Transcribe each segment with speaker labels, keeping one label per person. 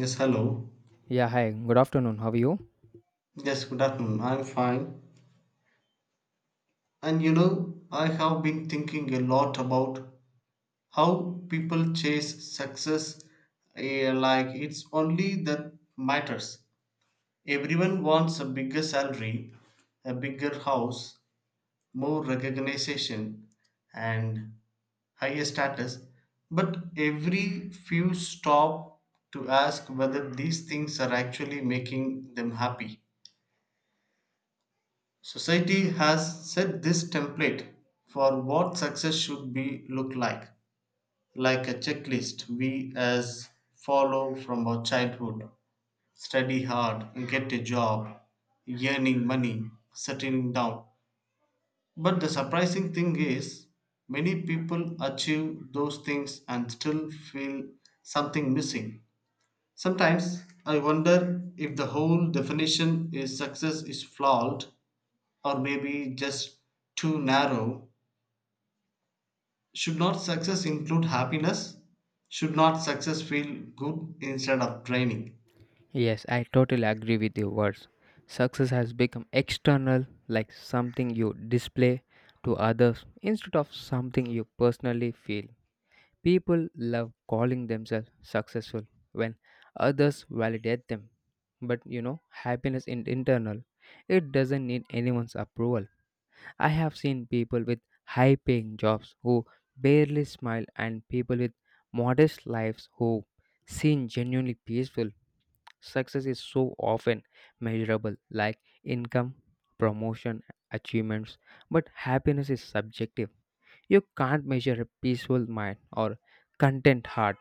Speaker 1: Yes, hello.
Speaker 2: Yeah, hi. Good afternoon. How are you?
Speaker 1: Yes, good afternoon. I'm fine. And I have been thinking a lot about how people chase success like it's only that matters. Everyone wants a bigger salary, a bigger house, more recognition, and higher status. But every few stop to ask whether these things are actually making them happy. Society has set this template for what success should be look like a checklist we as follow from our childhood. Study hard, get a job, earning money, settling down. But the surprising thing is many people achieve those things and still feel something missing. Sometimes I wonder if the whole definition is success is flawed or maybe just too narrow. Should not success include happiness? Should not success feel good instead of draining?
Speaker 2: Yes, I totally agree with your words. Success has become external, like something you display to others instead of something you personally feel. People love calling themselves successful when others validate them. But you know, happiness is internal. It doesn't need anyone's approval. I have seen people with high paying jobs who barely smile and people with modest lives who seem genuinely peaceful. Success is so often measurable, like income, promotion, achievements, but happiness is subjective. You can't measure a peaceful mind or content heart.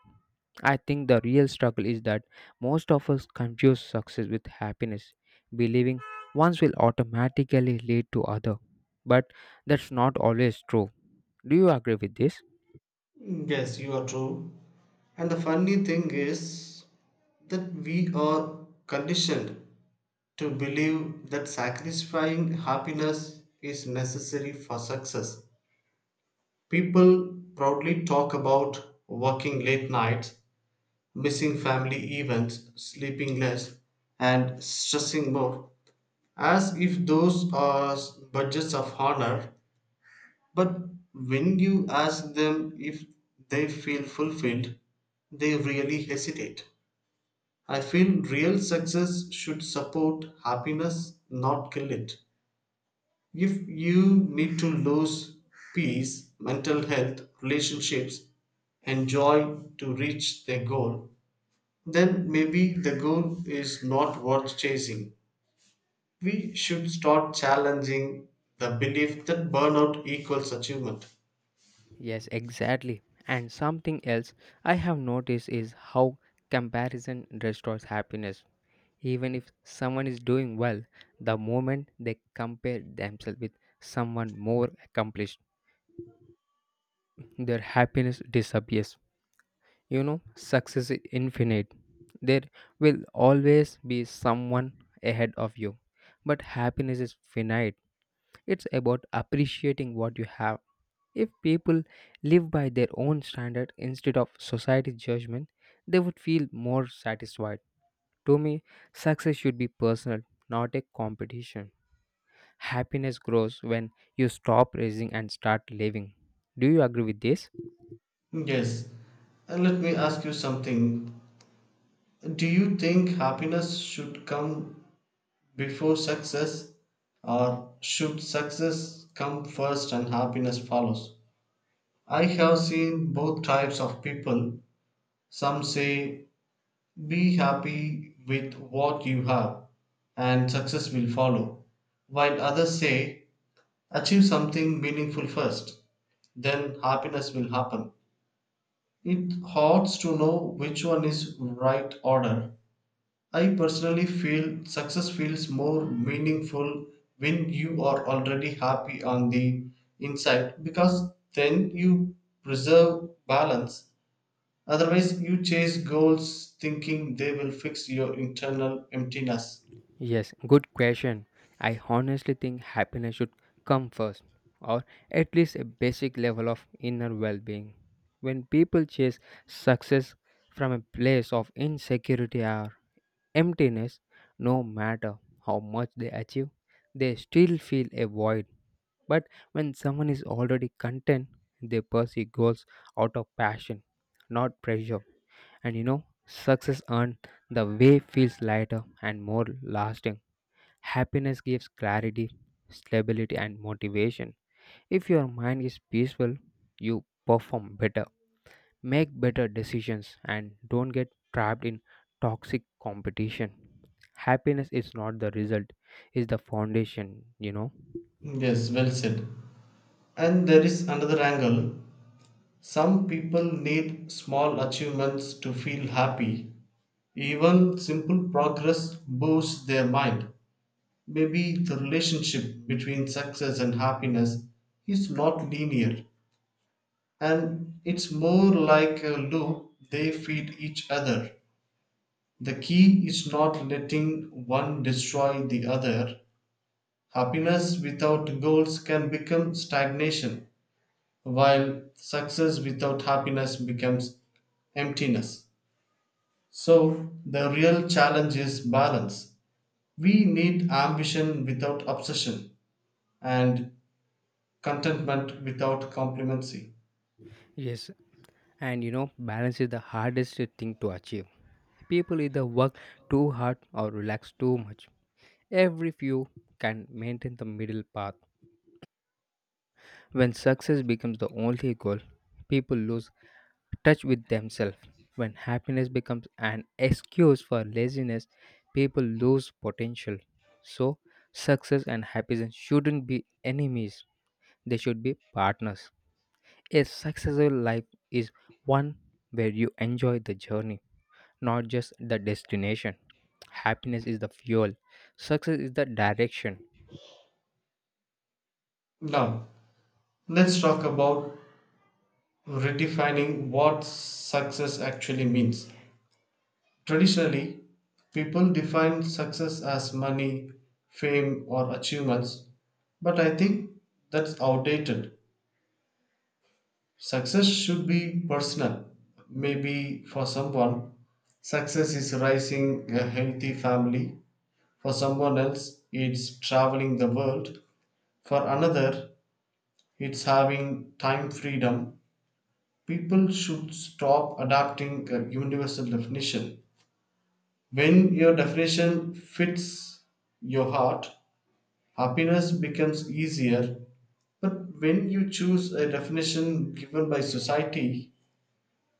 Speaker 2: I think the real struggle is that most of us confuse success with happiness, believing ones will automatically lead to other. But that's not always true. Do you agree with this?
Speaker 1: Yes, you are true. And the funny thing is that we are conditioned to believe that sacrificing happiness is necessary for success. People proudly talk about working late nights, missing family events, sleeping less, and stressing more as if those are budgets of honor. But when you ask them if they feel fulfilled, they really hesitate. I feel real success should support happiness, not kill it. If you need to lose peace, mental health, relationships, and joy to reach their goal, then maybe the goal is not worth chasing. We should start challenging the belief that burnout equals achievement.
Speaker 2: Yes, exactly. And something else I have noticed is how comparison destroys happiness. Even if someone is doing well, the moment they compare themselves with someone more accomplished, their happiness disappears. You know, success is infinite. There will always be someone ahead of you, but happiness is finite. It's about appreciating what you have. If people live by their own standard instead of society's judgment, they would feel more satisfied. To me, success should be personal, not a competition. Happiness grows when you stop racing and start living. Do you agree with this?
Speaker 1: Yes. And let me ask you something. Do you think happiness should come before success or should success come first and happiness follows? I have seen both types of people. Some say be happy with what you have and success will follow, while others say achieve something meaningful first. Then happiness will happen. It hurts to know which one is right order. I personally feel success feels more meaningful when you are already happy on the inside because then you preserve balance. Otherwise, you chase goals thinking they will fix your internal emptiness.
Speaker 2: Yes, good question. I honestly think happiness should come first, or at least a basic level of inner well being. When people chase success from a place of insecurity or emptiness, no matter how much they achieve, they still feel a void. But when someone is already content, they pursue goals out of passion, not pressure. And you know, success earned the way feels lighter and more lasting. Happiness gives clarity, stability, and motivation. If your mind is peaceful, you perform better. Make better decisions and don't get trapped in toxic competition. Happiness is not the result, it's the foundation,
Speaker 1: Yes, well said. And there is another angle. Some people need small achievements to feel happy. Even simple progress boosts their mind. Maybe the relationship between success and happiness is not linear, and it's more like a loop, they feed each other. The key is not letting one destroy the other. Happiness without goals can become stagnation, while success without happiness becomes emptiness. So, the real challenge is balance. We need ambition without obsession and contentment without complacency.
Speaker 2: Yes, and you know, balance is the hardest thing to achieve. People either work too hard or relax too much. Every few can maintain the middle path. When success becomes the only goal, people lose touch with themselves. When happiness becomes an excuse for laziness, people lose potential. So, success and happiness shouldn't be enemies, they should be partners. A successful life is one where you enjoy the journey, not just the destination. Happiness is the fuel, success is the direction.
Speaker 1: Now, let's talk about redefining what success actually means. Traditionally, people define success as money, fame, or achievements, but I think that's outdated. Success should be personal. Maybe for someone, success is raising a healthy family. For someone else, it's traveling the world. For another, it's having time freedom. People should stop adapting a universal definition. When your definition fits your heart, happiness becomes easier. But when you choose a definition given by society,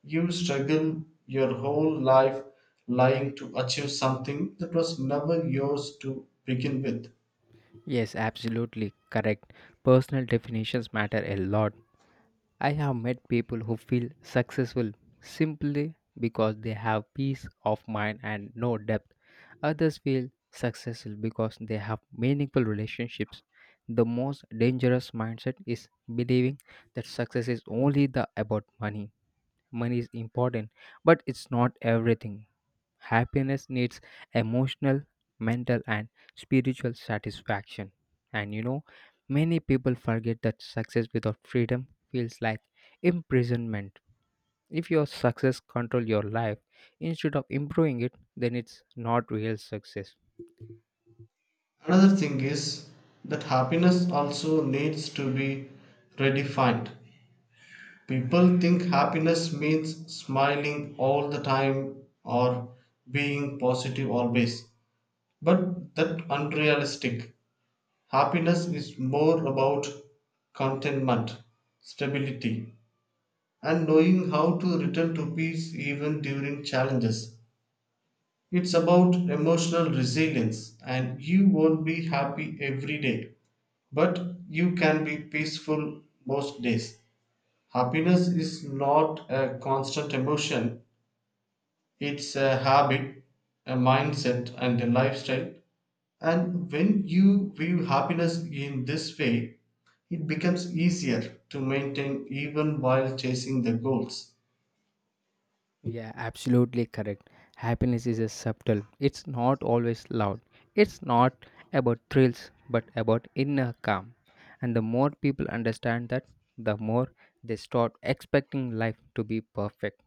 Speaker 1: you struggle your whole life lying to achieve something that was never yours to begin with.
Speaker 2: Yes, absolutely correct. Personal definitions matter a lot. I have met people who feel successful simply because they have peace of mind and no debt. Others feel successful because they have meaningful relationships. The most dangerous mindset is believing that success is only the about money. Money is important, but it's not everything. Happiness needs emotional, mental, and spiritual satisfaction. And you know, many people forget that success without freedom feels like imprisonment. If your success control your life instead of improving it, then it's not real success.
Speaker 1: Another thing is that happiness also needs to be redefined. People think happiness means smiling all the time or being positive always. But that unrealistic. Happiness is more about contentment, stability, and knowing how to return to peace even during challenges. It's about emotional resilience, and you won't be happy every day, but you can be peaceful most days. Happiness is not a constant emotion, it's a habit, a mindset, and a lifestyle. And when you view happiness in this way, it becomes easier to maintain even while chasing the goals.
Speaker 2: Yeah, absolutely correct. Happiness is a subtle. It's not always loud. It's not about thrills, but about inner calm. And the more people understand that, the more they stop expecting life to be perfect.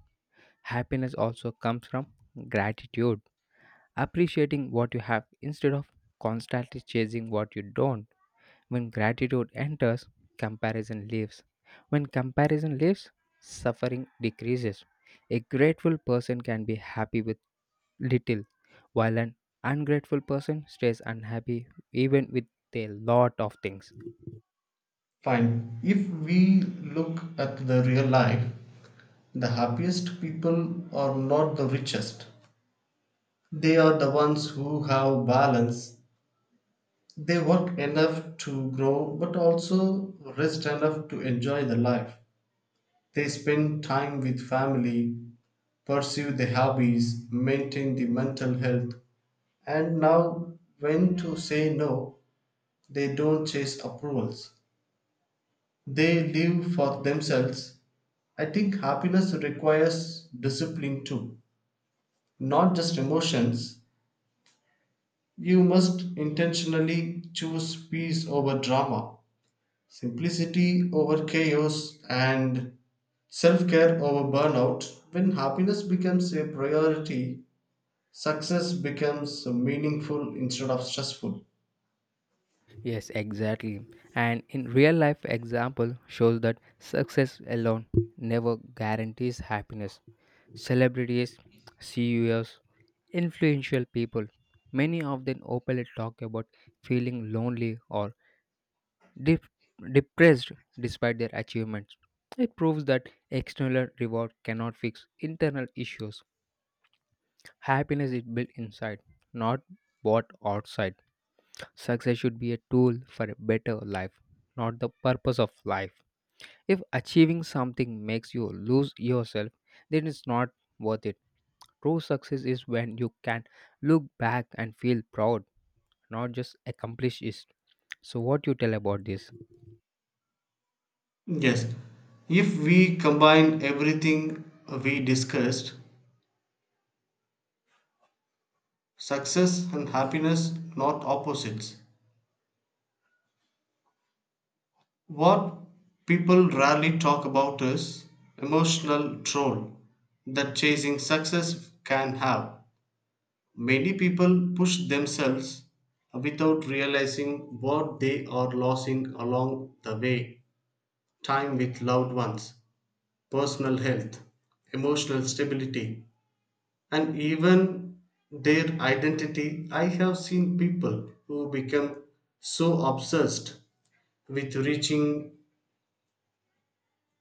Speaker 2: Happiness also comes from gratitude, appreciating what you have instead of constantly chasing what you don't. When gratitude enters, comparison leaves. When comparison leaves, suffering decreases. A grateful person can be happy with little, while an ungrateful person stays unhappy even with a lot of things.
Speaker 1: Fine. If we look at the real life, the happiest people are not the richest. They are the ones who have balance. They work enough to grow but also rest enough to enjoy the life. They spend time with family, pursue their hobbies, maintain the mental health, and know when to say no. They don't chase approvals. They live for themselves. I think happiness requires discipline too, not just emotions. You must intentionally choose peace over drama, simplicity over chaos, and self care over burnout. When happiness becomes a priority, success becomes meaningful instead of stressful.
Speaker 2: Yes, exactly. And in real life example shows that success alone never guarantees happiness. Celebrities, CEOs, influential people, many of them openly talk about feeling lonely or dep- depressed despite their achievements. It proves that external reward cannot fix internal issues. Happiness is built inside, not bought outside. Success should be a tool for a better life, not the purpose of life. If achieving something makes you lose yourself, then it's not worth it. True success is when you can look back and feel proud, not just accomplish it. So what you tell about this?
Speaker 1: Yes, if we combine everything we discussed, success and happiness, not opposites. What people rarely talk about is emotional toll that chasing success can have. Many people push themselves without realizing what they are losing along the way: time with loved ones, personal health, emotional stability, and even their identity. I have seen people who become so obsessed with reaching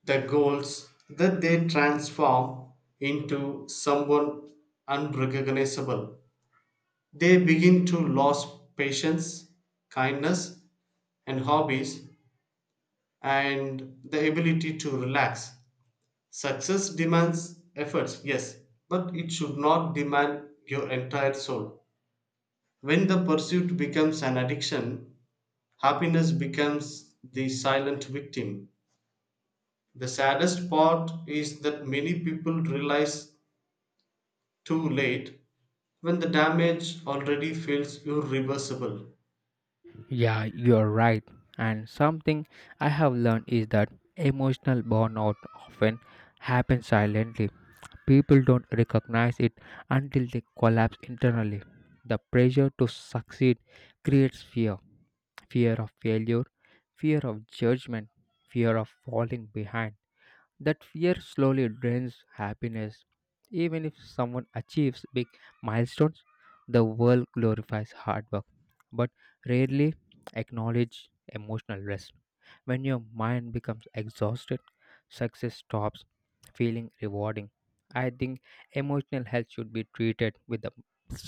Speaker 1: the goals that they transform into someone unrecognizable. They begin to lose patience, kindness, and hobbies, and the ability to relax. Success demands efforts, yes, but it should not demand your entire soul. When the pursuit becomes an addiction, happiness becomes the silent victim. The saddest part is that many people realize too late when the damage already feels irreversible.
Speaker 2: Yeah, you're right. And something I have learned is that emotional burnout often happens silently. People don't recognize it until they collapse internally. The pressure to succeed creates fear, fear of failure, fear of judgment, fear of falling behind. That fear slowly drains happiness. Even if someone achieves big milestones, the world glorifies hard work, but rarely acknowledge emotional rest. When your mind becomes exhausted, success stops feeling rewarding. I think emotional health should be treated with the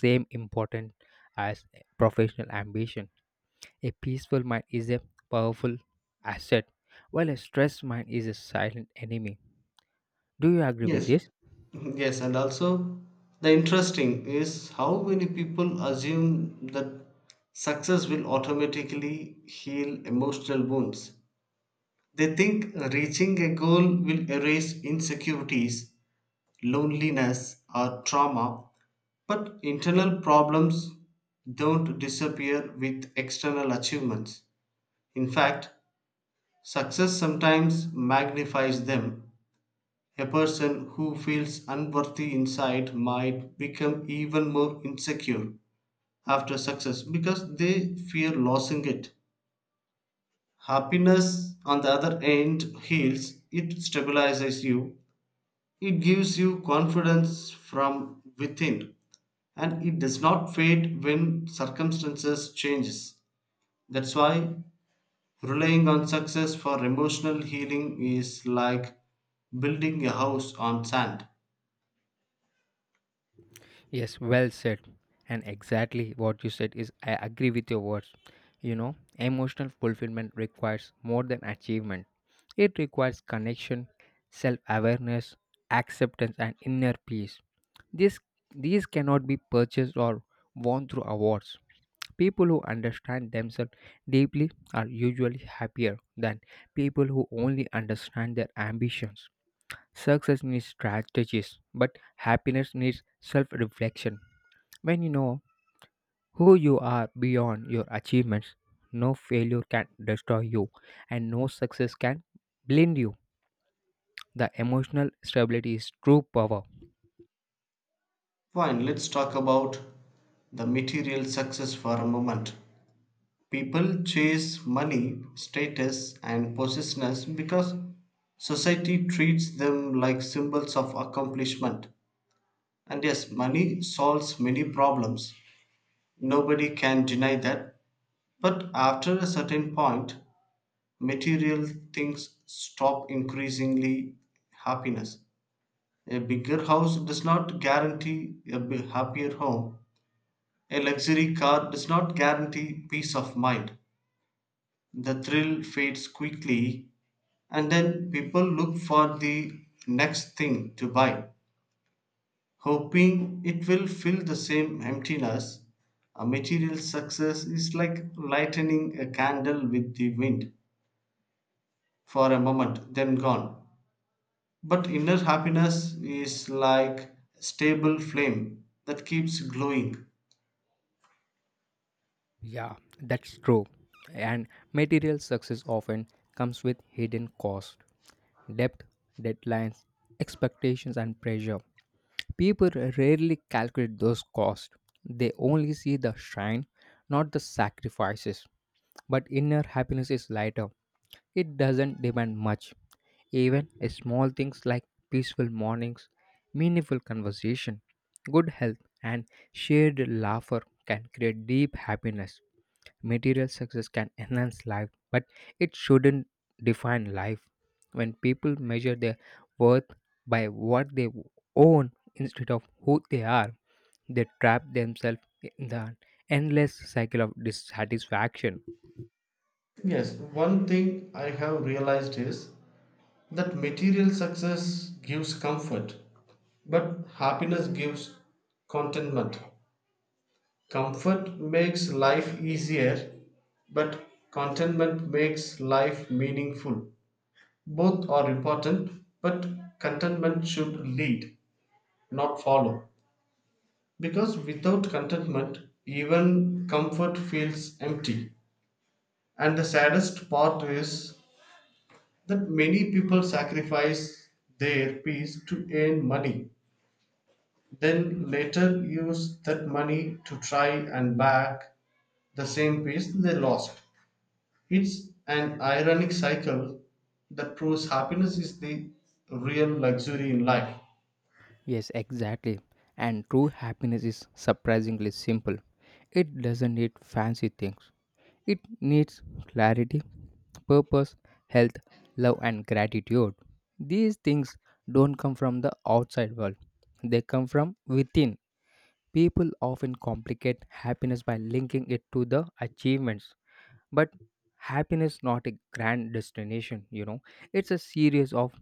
Speaker 2: same importance as professional ambition. A peaceful mind is a powerful asset, while a stressed mind is a silent enemy. Do you agree with
Speaker 1: Yes,
Speaker 2: this?
Speaker 1: yes, and also the interesting is how many people assume that success will automatically heal emotional wounds. They think reaching a goal will erase insecurities, loneliness, or trauma, but internal problems don't disappear with external achievements. In fact, success sometimes magnifies them. A person who feels unworthy inside might become even more insecure after success because they fear losing it. Happiness, on the other hand, heals, it stabilizes you, it gives you confidence from within, and it does not fade when circumstances changes. That's why relying on success for emotional healing is like building a house on sand.
Speaker 2: Yes, well said. And exactly what you said is I agree with your words. You know, emotional fulfillment requires more than achievement. It requires connection, self-awareness, acceptance and inner peace. This these cannot be purchased or won through awards. People who understand themselves deeply are usually happier than people who only understand their ambitions. Success needs strategies, but happiness needs self reflection. When you know who you are beyond your achievements, no failure can destroy you and no success can blind you. The emotional stability is true power.
Speaker 1: Fine, let's talk about the material success for a moment. People chase money, status, and possessiveness because society treats them like symbols of accomplishment. And yes, money solves many problems. Nobody can deny that. But after a certain point, material things stop increasingly happiness. A bigger house does not guarantee a happier home. A luxury car does not guarantee peace of mind. The thrill fades quickly, and then people look for the next thing to buy, hoping it will fill the same emptiness. A material success is like lightening a candle with the wind for a moment, then gone. But inner happiness is like a stable flame that keeps glowing.
Speaker 2: Yeah, that's true. And material success often comes with hidden costs, debt, deadlines, expectations, and pressure. People rarely calculate those costs. They only see the shine, not the sacrifices. But inner happiness is lighter. It doesn't demand much. Even small things like peaceful mornings, meaningful conversation, good health, and shared laughter can create deep happiness. Material success can enhance life, but it shouldn't define life. When people measure their worth by what they own instead of who they are, they trap themselves in the endless cycle of dissatisfaction.
Speaker 1: Yes, one thing I have realized is that material success gives comfort, but happiness gives contentment. Comfort makes life easier, but contentment makes life meaningful. Both are important, but contentment should lead, not follow. Because without contentment, even comfort feels empty. And the saddest part is that many people sacrifice their peace to earn money, then later use that money to try and back the same peace they lost. It's an ironic cycle that proves happiness is the real luxury in life.
Speaker 2: Yes, exactly. And true happiness is surprisingly simple. It doesn't need fancy things. It needs clarity, purpose, health, love, and gratitude. These things don't come from the outside world, they come from within. People often complicate happiness by linking it to the achievements, but happiness not a grand destination, you know, it's a series of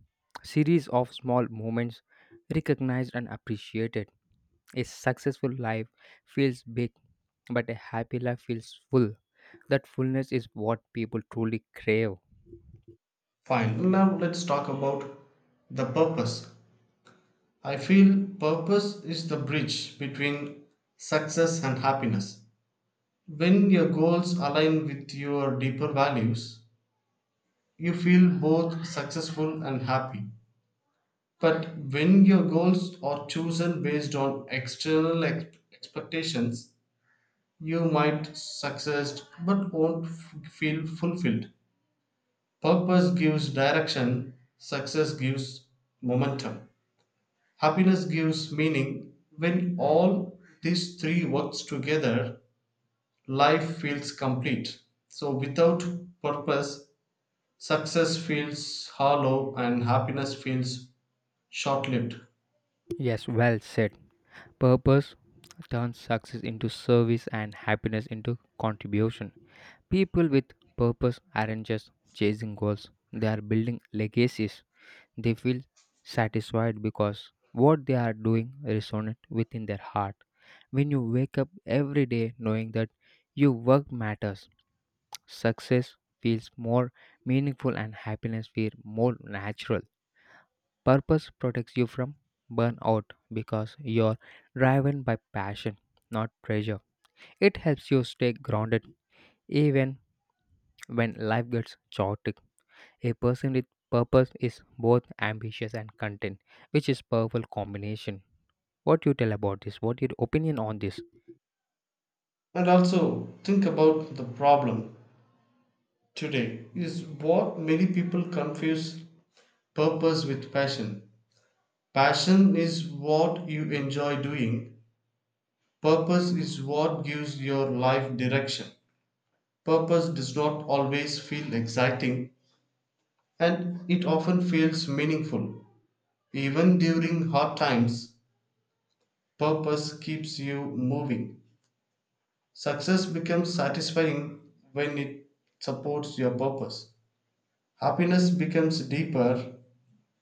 Speaker 2: small moments recognized and appreciated. A successful life feels big, but a happy life feels full. That fullness is what people truly crave.
Speaker 1: Fine, now let's talk about the purpose. I feel purpose is the bridge between success and happiness. When your goals align with your deeper values, you feel both successful and happy. But when your goals are chosen based on external expectations, you might succeed but won't feel fulfilled. Purpose gives direction, success gives momentum. Happiness gives meaning. When all these three works together, life feels complete. So without purpose, success feels hollow and happiness feels short-lived.
Speaker 2: Yes, well said. Purpose turns success into service and happiness into contribution. People with purpose aren't just chasing goals, they are building legacies. They feel satisfied because what they are doing resonates within their heart. When you wake up every day knowing that your work matters, success feels more meaningful and happiness feels more natural. Purpose protects you from burnout because you're driven by passion, not pressure. It helps you stay grounded even when life gets chaotic. A person with purpose is both ambitious and content, which is powerful combination. What you tell about this? What your opinion on this?
Speaker 1: And also think about the problem today is what many people confuse purpose with passion. Passion is what you enjoy doing. Purpose is what gives your life direction. Purpose does not always feel exciting and it often feels meaningful. Even during hard times, purpose keeps you moving. Success becomes satisfying when it supports your purpose. Happiness becomes deeper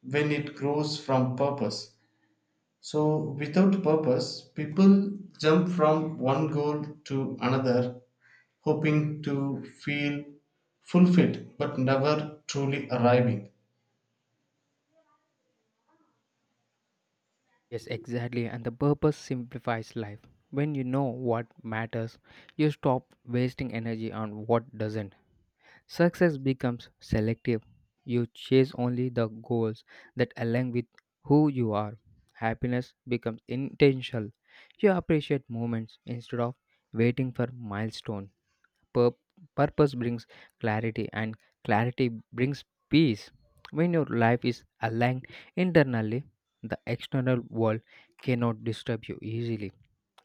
Speaker 1: when it grows from purpose. So, without purpose, people jump from one goal to another, hoping to feel fulfilled but never truly arriving.
Speaker 2: Yes, exactly. And the purpose simplifies life. When you know what matters, you stop wasting energy on what doesn't. Success becomes selective. You chase only the goals that align with who you are. Happiness becomes intentional. You appreciate moments instead of waiting for milestones. Pur- Purpose brings clarity, and clarity brings peace. When your life is aligned internally, the external world cannot disturb you easily.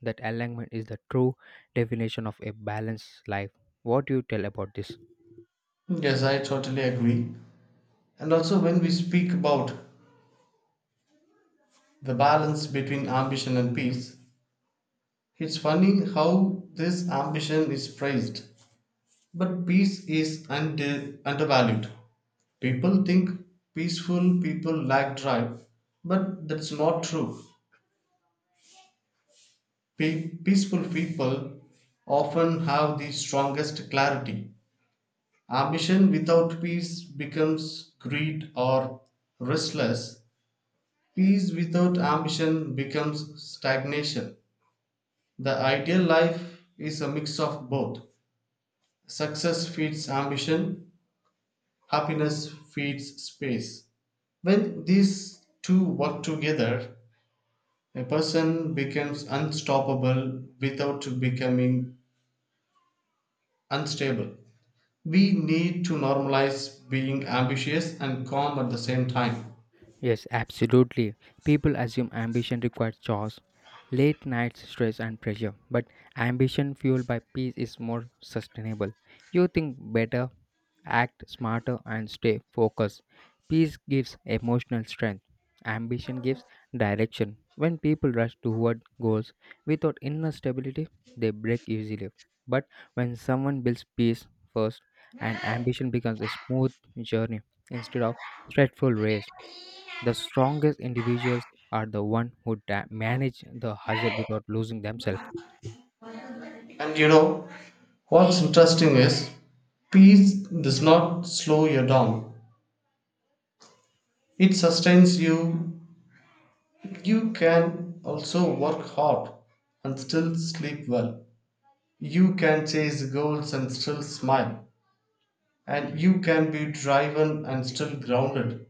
Speaker 2: That alignment is the true definition of a balanced life. What do you tell about this?
Speaker 1: Yes, I totally agree. And also, when we speak about the balance between ambition and peace, it's funny how this ambition is praised, but peace is undervalued. People think peaceful people lack drive, but that's not true. Peaceful people often have the strongest clarity. Ambition without peace becomes greed or restless. Peace without ambition becomes stagnation. The ideal life is a mix of both. Success feeds ambition, happiness feeds space. When these two work together, a person becomes unstoppable without becoming unstable. We need to normalize being ambitious and calm at the same time.
Speaker 2: Yes, absolutely. People assume ambition requires chores, late nights, stress, and pressure. But ambition fueled by peace is more sustainable. You think better. Act smarter and stay focused. Peace gives emotional strength. Ambition gives direction. When people rush toward goals without inner stability, they break easily. But when someone builds peace first, and ambition becomes a smooth journey instead of stressful race. The strongest individuals are the one who manage the hustle without losing themselves.
Speaker 1: And what's interesting is peace does not slow you down. It sustains you. You can also work hard and still sleep well. You can chase goals and still smile. And you can be driven and still grounded.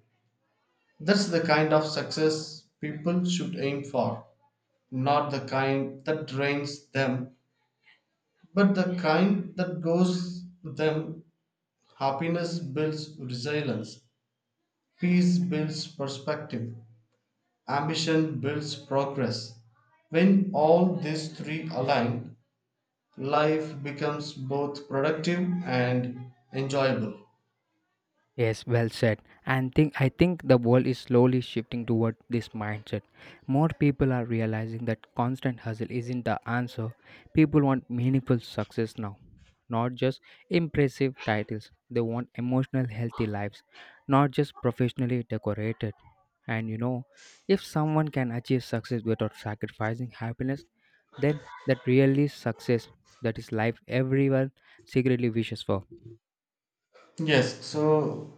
Speaker 1: That's the kind of success people should aim for. Not the kind that drains them, but the kind that goes them. Happiness builds resilience, peace builds perspective. Ambition builds progress. When all these three align, life becomes both productive and enjoyable.
Speaker 2: Yes, well said. And think I think the world is slowly shifting toward this mindset. More people are realizing that constant hustle isn't the answer. People want meaningful success now, not just impressive titles. They want emotional healthy lives, not just professionally decorated. And you know, if someone can achieve success without sacrificing happiness, then that really is success. That is life everyone secretly wishes for.
Speaker 1: Yes, so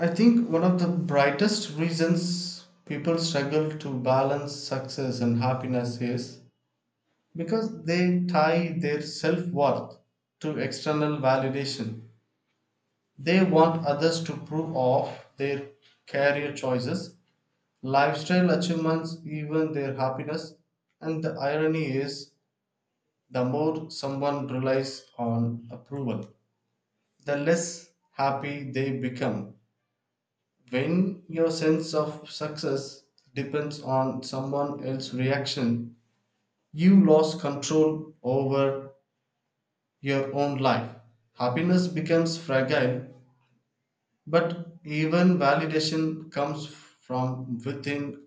Speaker 1: I think one of the brightest reasons people struggle to balance success and happiness is because they tie their self worth to external validation. They want others to prove off their career choices, lifestyle achievements, even their happiness, and the irony is the more someone relies on approval, the less happy they become. When your sense of success depends on someone else's reaction, you lose control over your own life. Happiness becomes fragile, but even validation comes from within.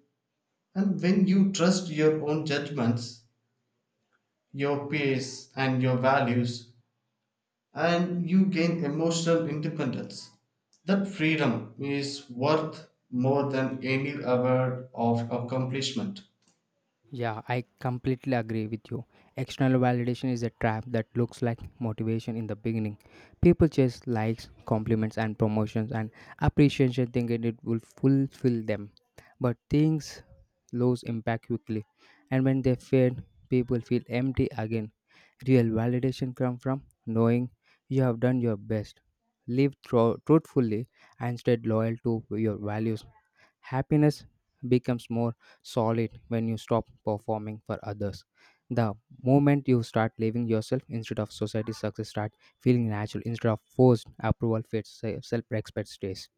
Speaker 1: And when you trust your own judgments, your pace and your values, and you gain emotional independence. That freedom is worth more than any award of accomplishment.
Speaker 2: Yeah, I completely agree with you. External validation is a trap that looks like motivation in the beginning. People chase likes, compliments, and promotions and appreciation thinking it will fulfill them. But things lose impact quickly, and when they fade, people feel empty again. Real validation comes from knowing you have done your best, lived truthfully, and stayed loyal to your values. Happiness becomes more solid when you stop performing for others. The moment you start living yourself instead of society's success, start feeling natural instead of forced approval fits self respect stays.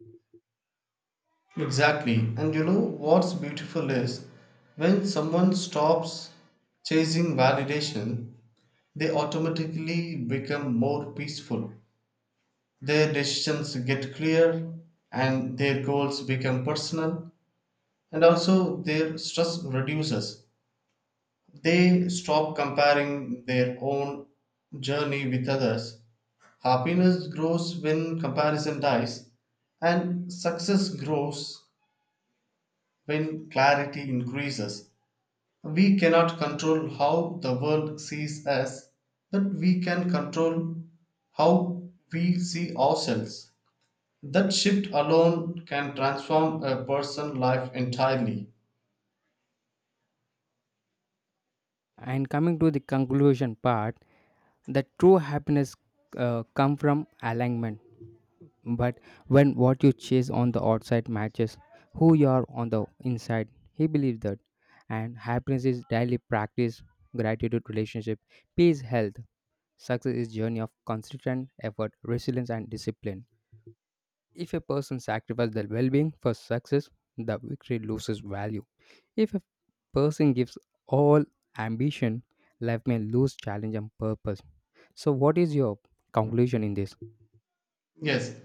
Speaker 1: Exactly. And you know what's beautiful is when someone stops chasing validation, they automatically become more peaceful. Their decisions get clear and their goals become personal, and also their stress reduces. They stop comparing their own journey with others. Happiness grows when comparison dies, and success grows when clarity increases. We cannot control how the world sees us, but we can control how we see ourselves. That shift alone can transform a person's life entirely.
Speaker 2: And coming to the conclusion part, the true happiness come from alignment. But when what you chase on the outside matches who you are on the inside, he believes that. And happiness is daily practice, gratitude, relationship, peace, health. Success is a journey of consistent effort, resilience, and discipline. If a person sacrifices their well-being for success, the victory loses value. If a person gives all ambition, life may lose challenge and purpose. So, what is your conclusion in this?
Speaker 1: Yes,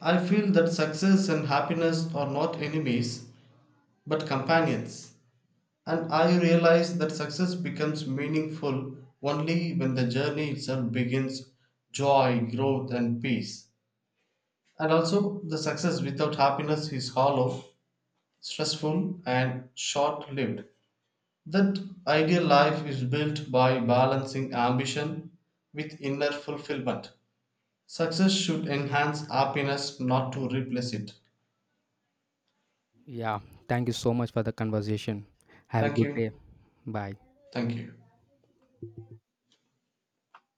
Speaker 1: I feel that success and happiness are not enemies, but companions. And I realize that success becomes meaningful only when the journey itself begins joy, growth, and peace. And also, the success without happiness is hollow, stressful, and short lived. That ideal life is built by balancing ambition with inner fulfillment. Success should enhance happiness, not to replace it.
Speaker 2: Yeah, thank you so much for the conversation. Have a
Speaker 1: Thank
Speaker 2: good day.
Speaker 1: you.
Speaker 2: Bye.
Speaker 1: Thank you.